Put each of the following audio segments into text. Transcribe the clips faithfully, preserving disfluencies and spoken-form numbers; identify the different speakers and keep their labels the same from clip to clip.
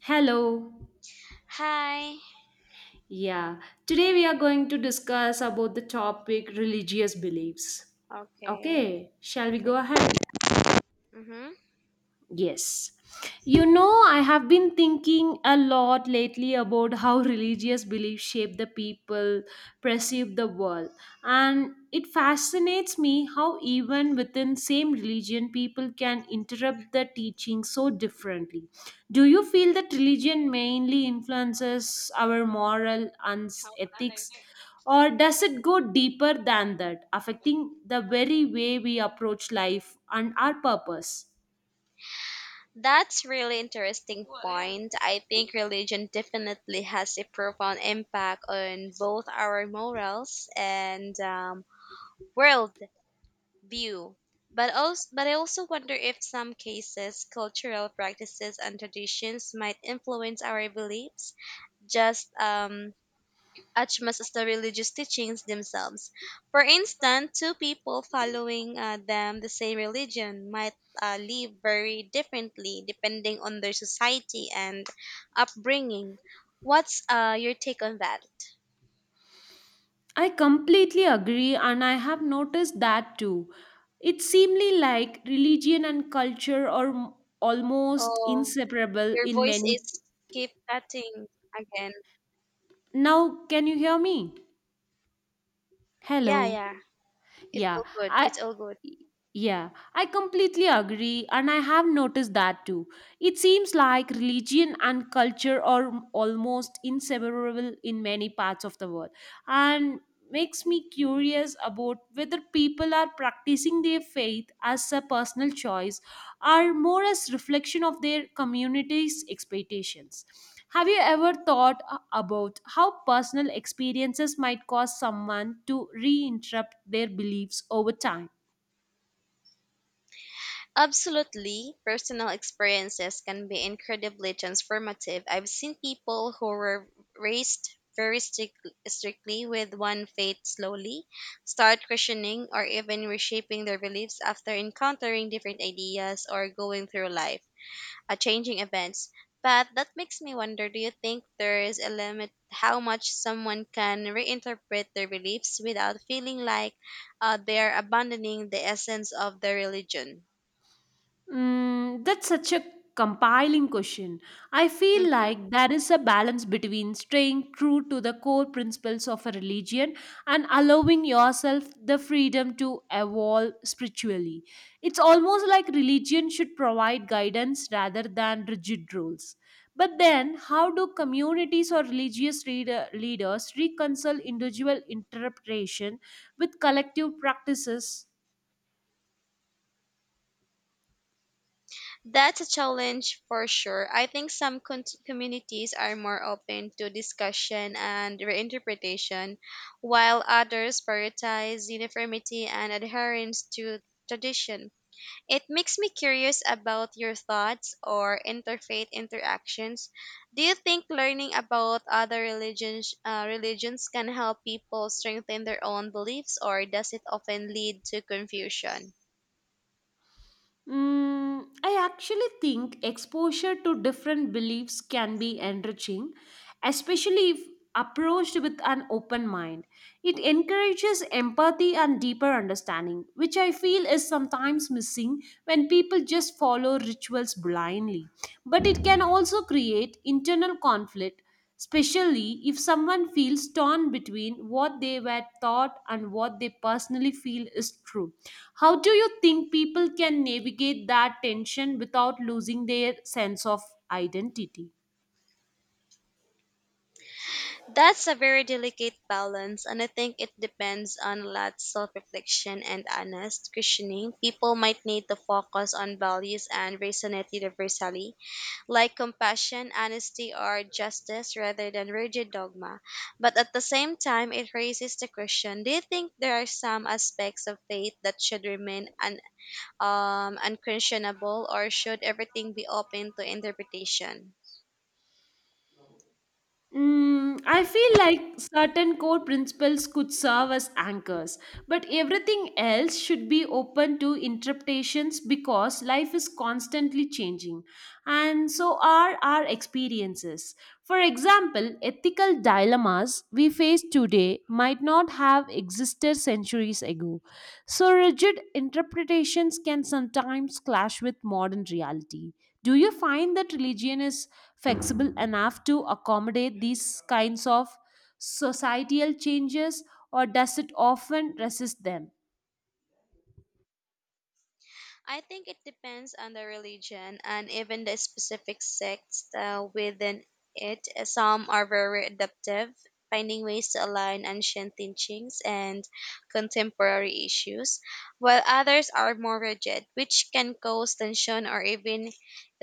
Speaker 1: Hello.
Speaker 2: Hi.
Speaker 1: Yeah. Today we are going to discuss about the topic religious beliefs.
Speaker 2: Okay.
Speaker 1: Okay, shall we
Speaker 2: Okay.
Speaker 1: go ahead?
Speaker 2: Mhm.
Speaker 1: Yes. You know, I have been thinking a lot lately about how religious beliefs shape the people, perceive the world. And it fascinates me how even within same religion people can interrupt the teaching so differently. Do you feel that religion mainly influences our moral and ethics, or does it go deeper than that, affecting the very way we approach life and our purpose?
Speaker 2: That's really interesting point. I think religion definitely has a profound impact on both our morals and um, world view. But also, but I also wonder if some cases, cultural practices and traditions might influence our beliefs. Just um, as much as the religious teachings themselves. For instance, two people following uh, them the same religion might uh, live very differently depending on their society and upbringing. What's uh, your take on that?
Speaker 1: I completely agree, and I have noticed that too. It seemingly like religion and culture are m- almost
Speaker 2: Oh,
Speaker 1: inseparable
Speaker 2: your
Speaker 1: in
Speaker 2: voice
Speaker 1: many.
Speaker 2: is keep cutting again.
Speaker 1: Now, can you hear me?
Speaker 2: Yeah,
Speaker 1: Hello.
Speaker 2: yeah. It's
Speaker 1: Yeah,
Speaker 2: all good.
Speaker 1: I
Speaker 2: It's all good.
Speaker 1: yeah, I completely agree and I have noticed that too. It seems like religion and culture are almost inseparable in many parts of the world and makes me curious about whether people are practicing their faith as a personal choice or more as reflection of their community's expectations. Have you ever thought a- about how personal experiences might cause someone to reinterpret their beliefs over time?
Speaker 2: Absolutely, personal experiences can be incredibly transformative. I've seen people who were raised very strict, strictly with one faith slowly start questioning or even reshaping their beliefs after encountering different ideas or going through life, uh, changing events. But that makes me wonder, do you think there is a limit how much someone can reinterpret their beliefs without feeling like uh, they're abandoning the essence of their religion?
Speaker 1: Mm, that's such a compiling question. I feel like there is a balance between staying true to the core principles of a religion and allowing yourself the freedom to evolve spiritually. It's almost like religion should provide guidance rather than rigid rules. But then, how do communities or religious reader, leaders reconcile individual interpretation with collective practices?
Speaker 2: That's a challenge for sure. I think some con- communities are more open to discussion and reinterpretation, while others prioritize uniformity and adherence to tradition. It makes me curious about your thoughts or interfaith interactions. Do you think learning about other religions, uh, religions can help people strengthen their own beliefs, or does it often lead to confusion?
Speaker 1: Mm, I actually think exposure to different beliefs can be enriching, especially if approached with an open mind. It encourages empathy and deeper understanding, which I feel is sometimes missing when people just follow rituals blindly. But it can also create internal conflict, especially if someone feels torn between what they were taught and what they personally feel is true. How do you think people can navigate that tension without losing their sense of identity?
Speaker 2: That's a very delicate balance, and I think it depends on a lot self reflection and honest questioning. People might need to focus on values and resonate universally, like compassion, honesty, or justice, rather than rigid dogma. But at the same time, it raises the question: Do you think there are some aspects of faith that should remain un- um, unquestionable, or should everything be open to interpretation?
Speaker 1: Mm, I feel like certain core principles could serve as anchors, but everything else should be open to interpretations because life is constantly changing, and so are our experiences. For example, ethical dilemmas we face today might not have existed centuries ago, so rigid interpretations can sometimes clash with modern reality. Do you find that religion is flexible enough to accommodate these kinds of societal changes, or does it often resist them?
Speaker 2: I think it depends on the religion and even the specific sects uh, within it. Some are very adaptive, finding ways to align ancient teachings and contemporary issues, while others are more rigid, which can cause tension or even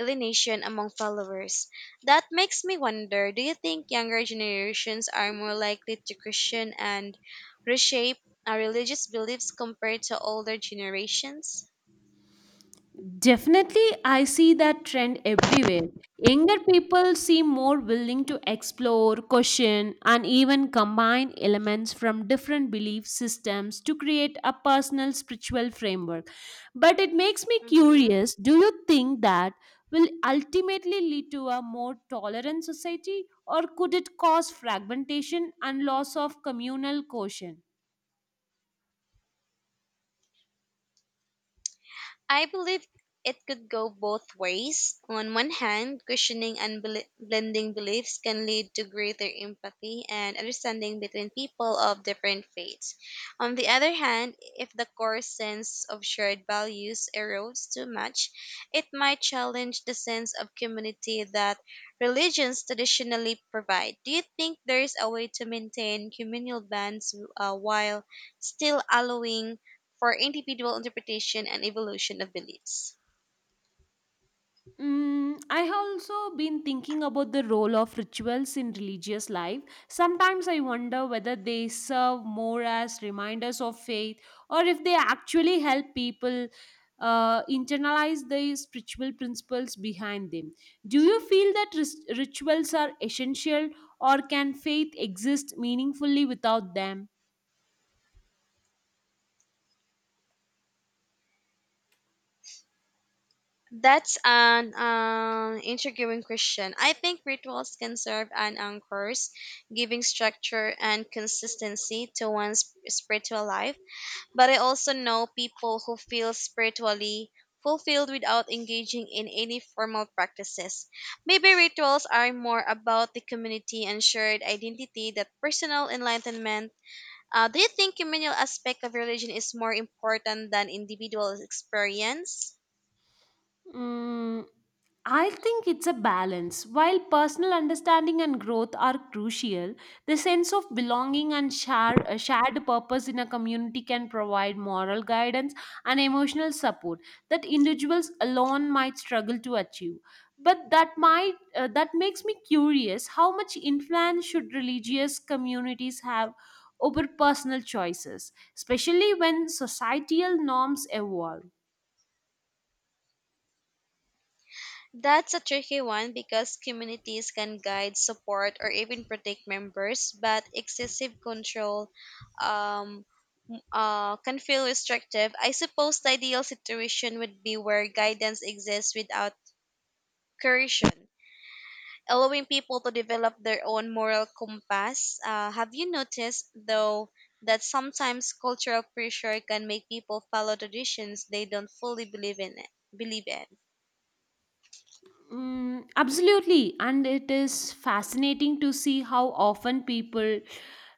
Speaker 2: alienation among followers. That makes me wonder, do you think younger generations are more likely to question and reshape our religious beliefs compared to older generations?
Speaker 1: Definitely, I see that trend everywhere. Younger people seem more willing to explore, question, and even combine elements from different belief systems to create a personal spiritual framework. But it makes me
Speaker 2: hmm
Speaker 1: curious, do you think that will ultimately lead to a more tolerant society, or could it cause fragmentation and loss of communal cohesion?
Speaker 2: I believe it could go both ways. On one hand, questioning and bel- blending beliefs can lead to greater empathy and understanding between people of different faiths. On the other hand, if the core sense of shared values erodes too much, it might challenge the sense of community that religions traditionally provide. Do you think there is a way to maintain communal bonds uh, while still allowing for individual interpretation and evolution of beliefs?
Speaker 1: Mm, I have also been thinking about the role of rituals in religious life. Sometimes I wonder whether they serve more as reminders of faith or if they actually help people uh, internalize the spiritual principles behind them. Do you feel that ris- rituals are essential, or can faith exist meaningfully without them?
Speaker 2: That's an um, intriguing question. I think rituals can serve an anchors, giving structure and consistency to one's spiritual life. But I also know people who feel spiritually fulfilled without engaging in any formal practices. Maybe rituals are more about the community and shared identity that personal enlightenment. Uh, do you think communal aspect of religion is more important than individual experience?
Speaker 1: Mm, I think it's a balance. While personal understanding and growth are crucial, the sense of belonging and share, a shared purpose in a community can provide moral guidance and emotional support that individuals alone might struggle to achieve. But that might uh, that makes me curious, how much influence should religious communities have over personal choices, especially when societal norms evolve.
Speaker 2: That's a tricky one because communities can guide, support, or even protect members, but excessive control um, m- uh, can feel restrictive. I suppose the ideal situation would be where guidance exists without coercion, allowing people to develop their own moral compass. Uh, have you noticed, though, that sometimes cultural pressure can make people follow traditions they don't fully believe in? It, Believe in.
Speaker 1: Mm, absolutely. And it is fascinating to see how often people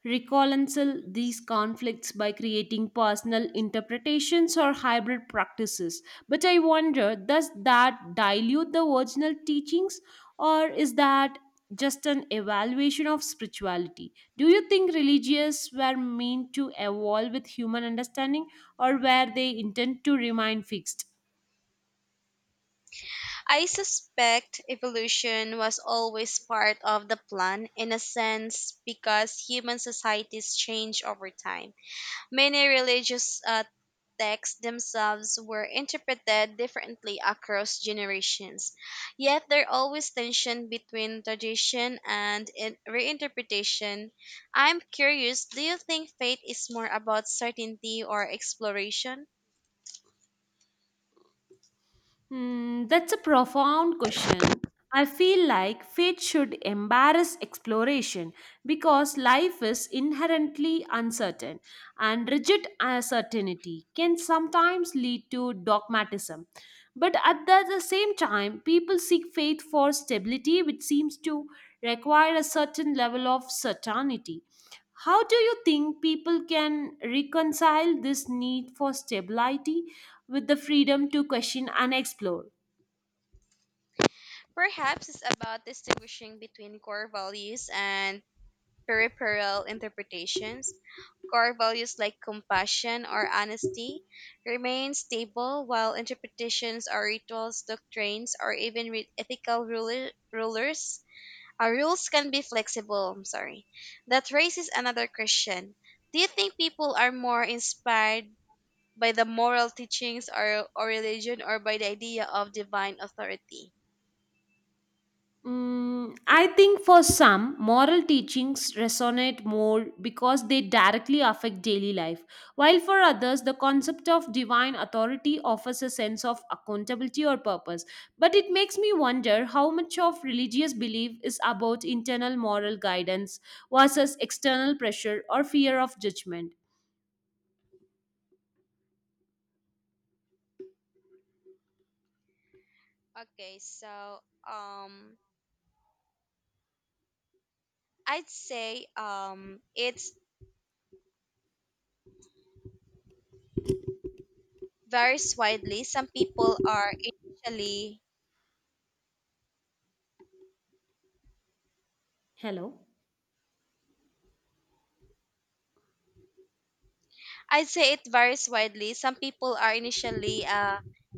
Speaker 1: reconcile these conflicts by creating personal interpretations or hybrid practices. But I wonder, does that dilute the original teachings, or is that just an evaluation of spirituality? Do you think religious were meant to evolve with human understanding, or were they intent to remain fixed?
Speaker 2: I suspect evolution was always part of the plan in a sense because human societies change over time. Many religious uh, texts themselves were interpreted differently across generations, yet there always tension between tradition and in- reinterpretation. I'm curious, do you think faith is more about certainty or exploration?
Speaker 1: Hmm, that's a profound question. I feel like fate should embarrass exploration because life is inherently uncertain, and rigid certainty can sometimes lead to dogmatism. But at the, the same time, people seek faith for stability, which seems to require a certain level of certainty. How do you think people can reconcile this need for stability with the freedom to question and explore.
Speaker 2: Perhaps it's about distinguishing between core values and peripheral interpretations. Core values like compassion or honesty remain stable, while interpretations or rituals, doctrines, or even re- ethical ruler- rulers uh, rules can be flexible. I'm sorry. That raises another question: Do you think people are more inspired by the moral teachings or, or religion, or by the idea of divine authority?
Speaker 1: Mm, I think for some, moral teachings resonate more because they directly affect daily life, while for others, the concept of divine authority offers a sense of accountability or purpose. But it makes me wonder how much of religious belief is about internal moral guidance versus external pressure or fear of judgment.
Speaker 2: Okay, so um, I'd say um, it's varies widely. Some people are initially,
Speaker 1: Hello?
Speaker 2: I'd say it varies widely. Some people are initially uh,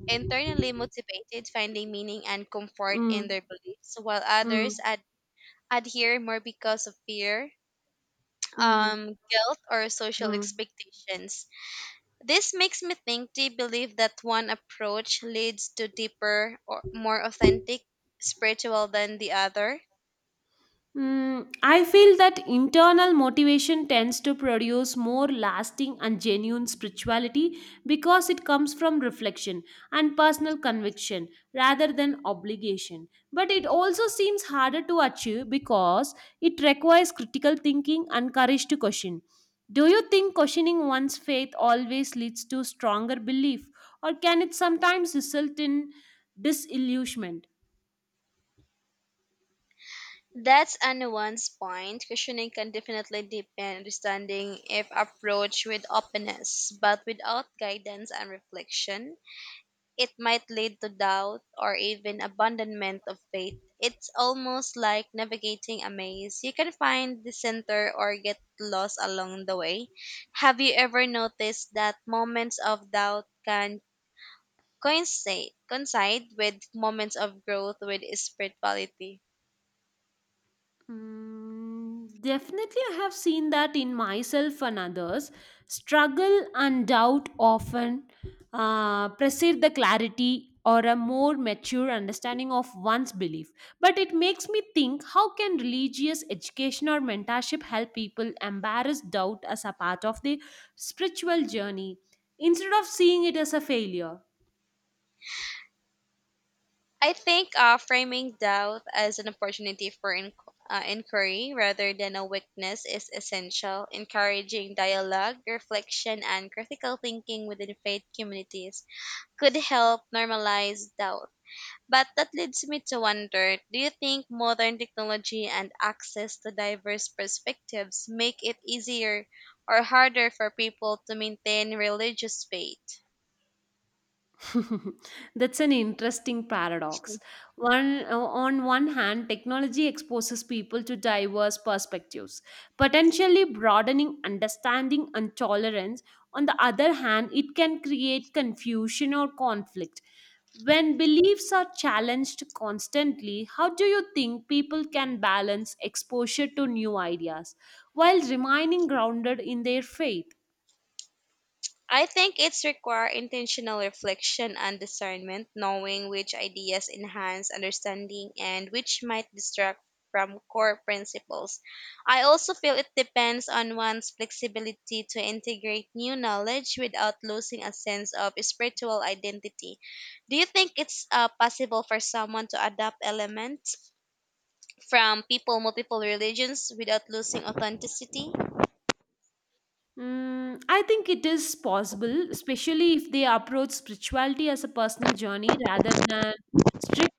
Speaker 2: internally motivated, finding meaning and comfort in
Speaker 1: Mm.
Speaker 2: their beliefs, while
Speaker 1: Mm.
Speaker 2: others ad- adhere more because of fear,
Speaker 1: Mm.
Speaker 2: um, guilt, or social
Speaker 1: Mm.
Speaker 2: expectations. This makes me think they believe that one approach leads to deeper or more authentic spiritual than the other.
Speaker 1: Mm, I feel that internal motivation tends to produce more lasting and genuine spirituality because it comes from reflection and personal conviction rather than obligation. But it also seems harder to achieve because it requires critical thinking and courage to question. Do you think questioning one's faith always leads to stronger belief, or can it sometimes result in disillusionment?
Speaker 2: That's a nuanced point. Questioning can definitely deepen understanding if approached with openness, but without guidance and reflection, it might lead to doubt or even abandonment of faith. It's almost like navigating a maze. You can find the center or get lost along the way. Have you ever noticed that moments of doubt can coincide coincide with moments of growth with spirituality?
Speaker 1: Mm, definitely, I have seen that in myself and others. Struggle and doubt often uh, precede the clarity or a more mature understanding of one's belief. But it makes me think, how can religious education or mentorship help people embrace doubt as a part of their spiritual journey instead of seeing it as a failure?
Speaker 2: I think uh, framing doubt as an opportunity for in- uh, inquiry rather than a weakness is essential. Encouraging dialogue, reflection, and critical thinking within faith communities could help normalize doubt. But that leads me to wonder, do you think modern technology and access to diverse perspectives make it easier or harder for people to maintain religious faith?
Speaker 1: That's an interesting paradox. One, on one hand, technology exposes people to diverse perspectives, potentially broadening understanding and tolerance. On the other hand, it can create confusion or conflict. When beliefs are challenged constantly, how do you think people can balance exposure to new ideas while remaining grounded in their faith?
Speaker 2: I think it's require intentional reflection and discernment, knowing which ideas enhance understanding and which might distract from core principles. I also feel it depends on one's flexibility to integrate new knowledge without losing a sense of spiritual identity. Do you think it's uh, possible for someone to adapt elements from people multiple religions without losing authenticity?
Speaker 1: Mm, I think it is possible, especially if they approach spirituality as a personal journey rather than strict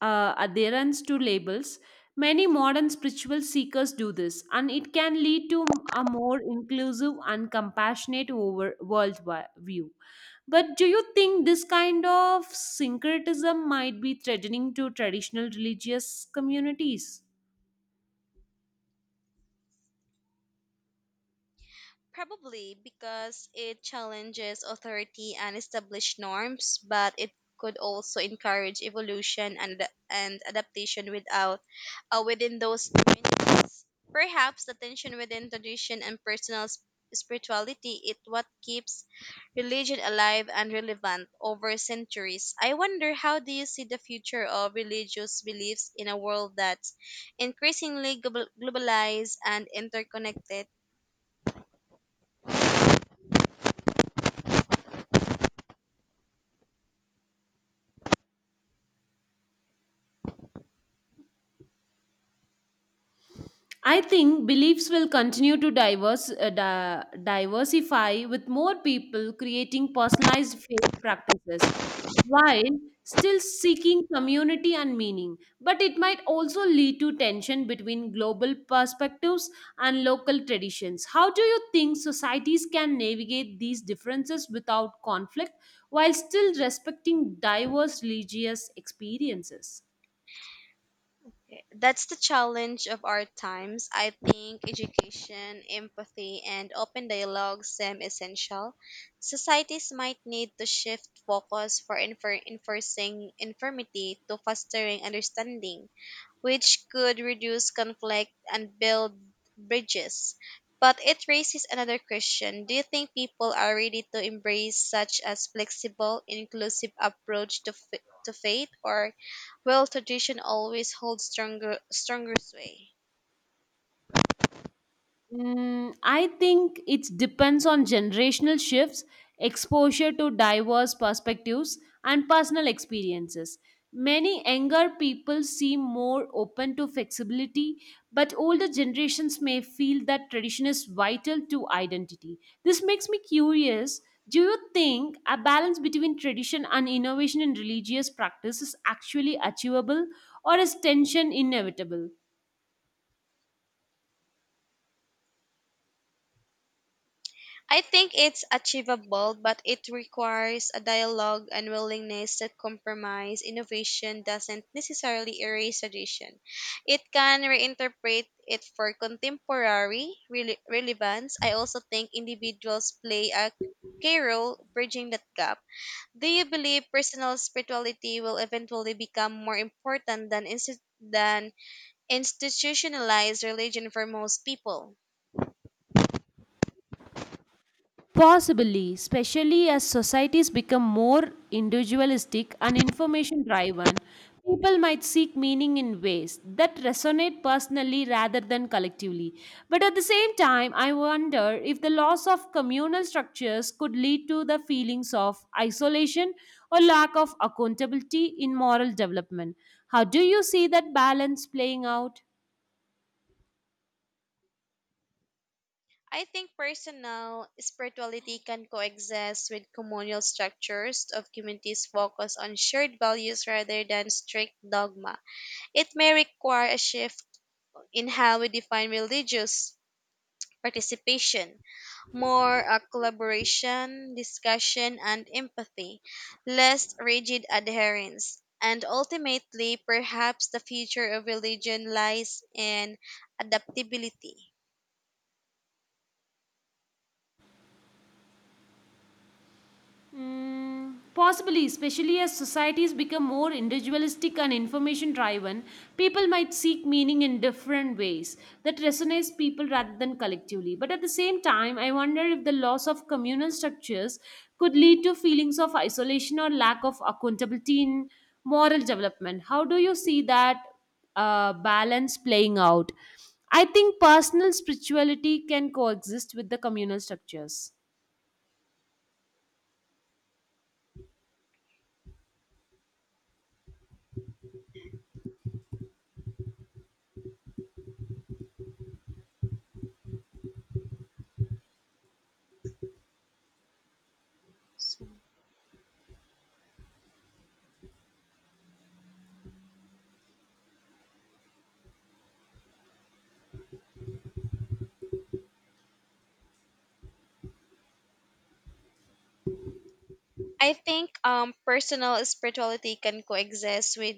Speaker 1: uh, adherence to labels. Many modern spiritual seekers do this, and it can lead to a more inclusive and compassionate over world wi- view. But do you think this kind of syncretism might be threatening to traditional religious communities?
Speaker 2: Probably because it challenges authority and established norms, but it could also encourage evolution and and adaptation without uh, within those communities. Perhaps the tension within tradition and personal sp- spirituality is what keeps religion alive and relevant over centuries. I wonder, how do you see the future of religious beliefs in a world that's increasingly global- globalized and interconnected?
Speaker 1: I think beliefs will continue to diverse, uh, di- diversify with more people creating personalized faith practices while still seeking community and meaning. But it might also lead to tension between global perspectives and local traditions. How do you think societies can navigate these differences without conflict while still respecting diverse religious experiences?
Speaker 2: That's the challenge of our times. I think education, empathy, and open dialogue seem essential. Societies might need to shift focus for infer- enforcing infirmity to fostering understanding, which could reduce conflict and build bridges. But it raises another question. Do you think people are ready to embrace such as flexible, inclusive approach to, f- to faith, or will tradition always hold stronger stronger sway?
Speaker 1: Mm, I think it depends on generational shifts, exposure to diverse perspectives, and personal experiences. Many younger people seem more open to flexibility, but older generations may feel that tradition is vital to identity. This makes me curious. Do you think a balance between tradition and innovation in religious practice is actually achievable, or is tension inevitable?
Speaker 2: I think it's achievable, but it requires a dialogue and willingness to compromise. Innovation doesn't necessarily erase tradition. It can reinterpret it for contemporary rele- relevance. I also think individuals play a key role bridging that gap. Do you believe personal spirituality will eventually become more important than insti- than institutionalized religion for most people?
Speaker 1: Possibly, especially as societies become more individualistic and information driven, people might seek meaning in ways that resonate personally rather than collectively. But at the same time, I wonder if the loss of communal structures could lead to the feelings of isolation or lack of accountability in moral development. How do you see that balance playing out?
Speaker 2: I think personal spirituality can coexist with communal structures of communities focused on shared values rather than strict dogma. It may require a shift in how we define religious participation, more uh, collaboration, discussion, and empathy, less rigid adherence. And ultimately, perhaps the future of religion lies in adaptability.
Speaker 1: Mm, possibly, especially as societies become more individualistic and information driven, people might seek meaning in different ways that resonates people rather than collectively. But at the same time, I wonder if the loss of communal structures could lead to feelings of isolation or lack of accountability in moral development. How do you see that uh, balance playing out? I think personal spirituality can coexist with the communal structures.
Speaker 2: So- I think um personal spirituality can coexist with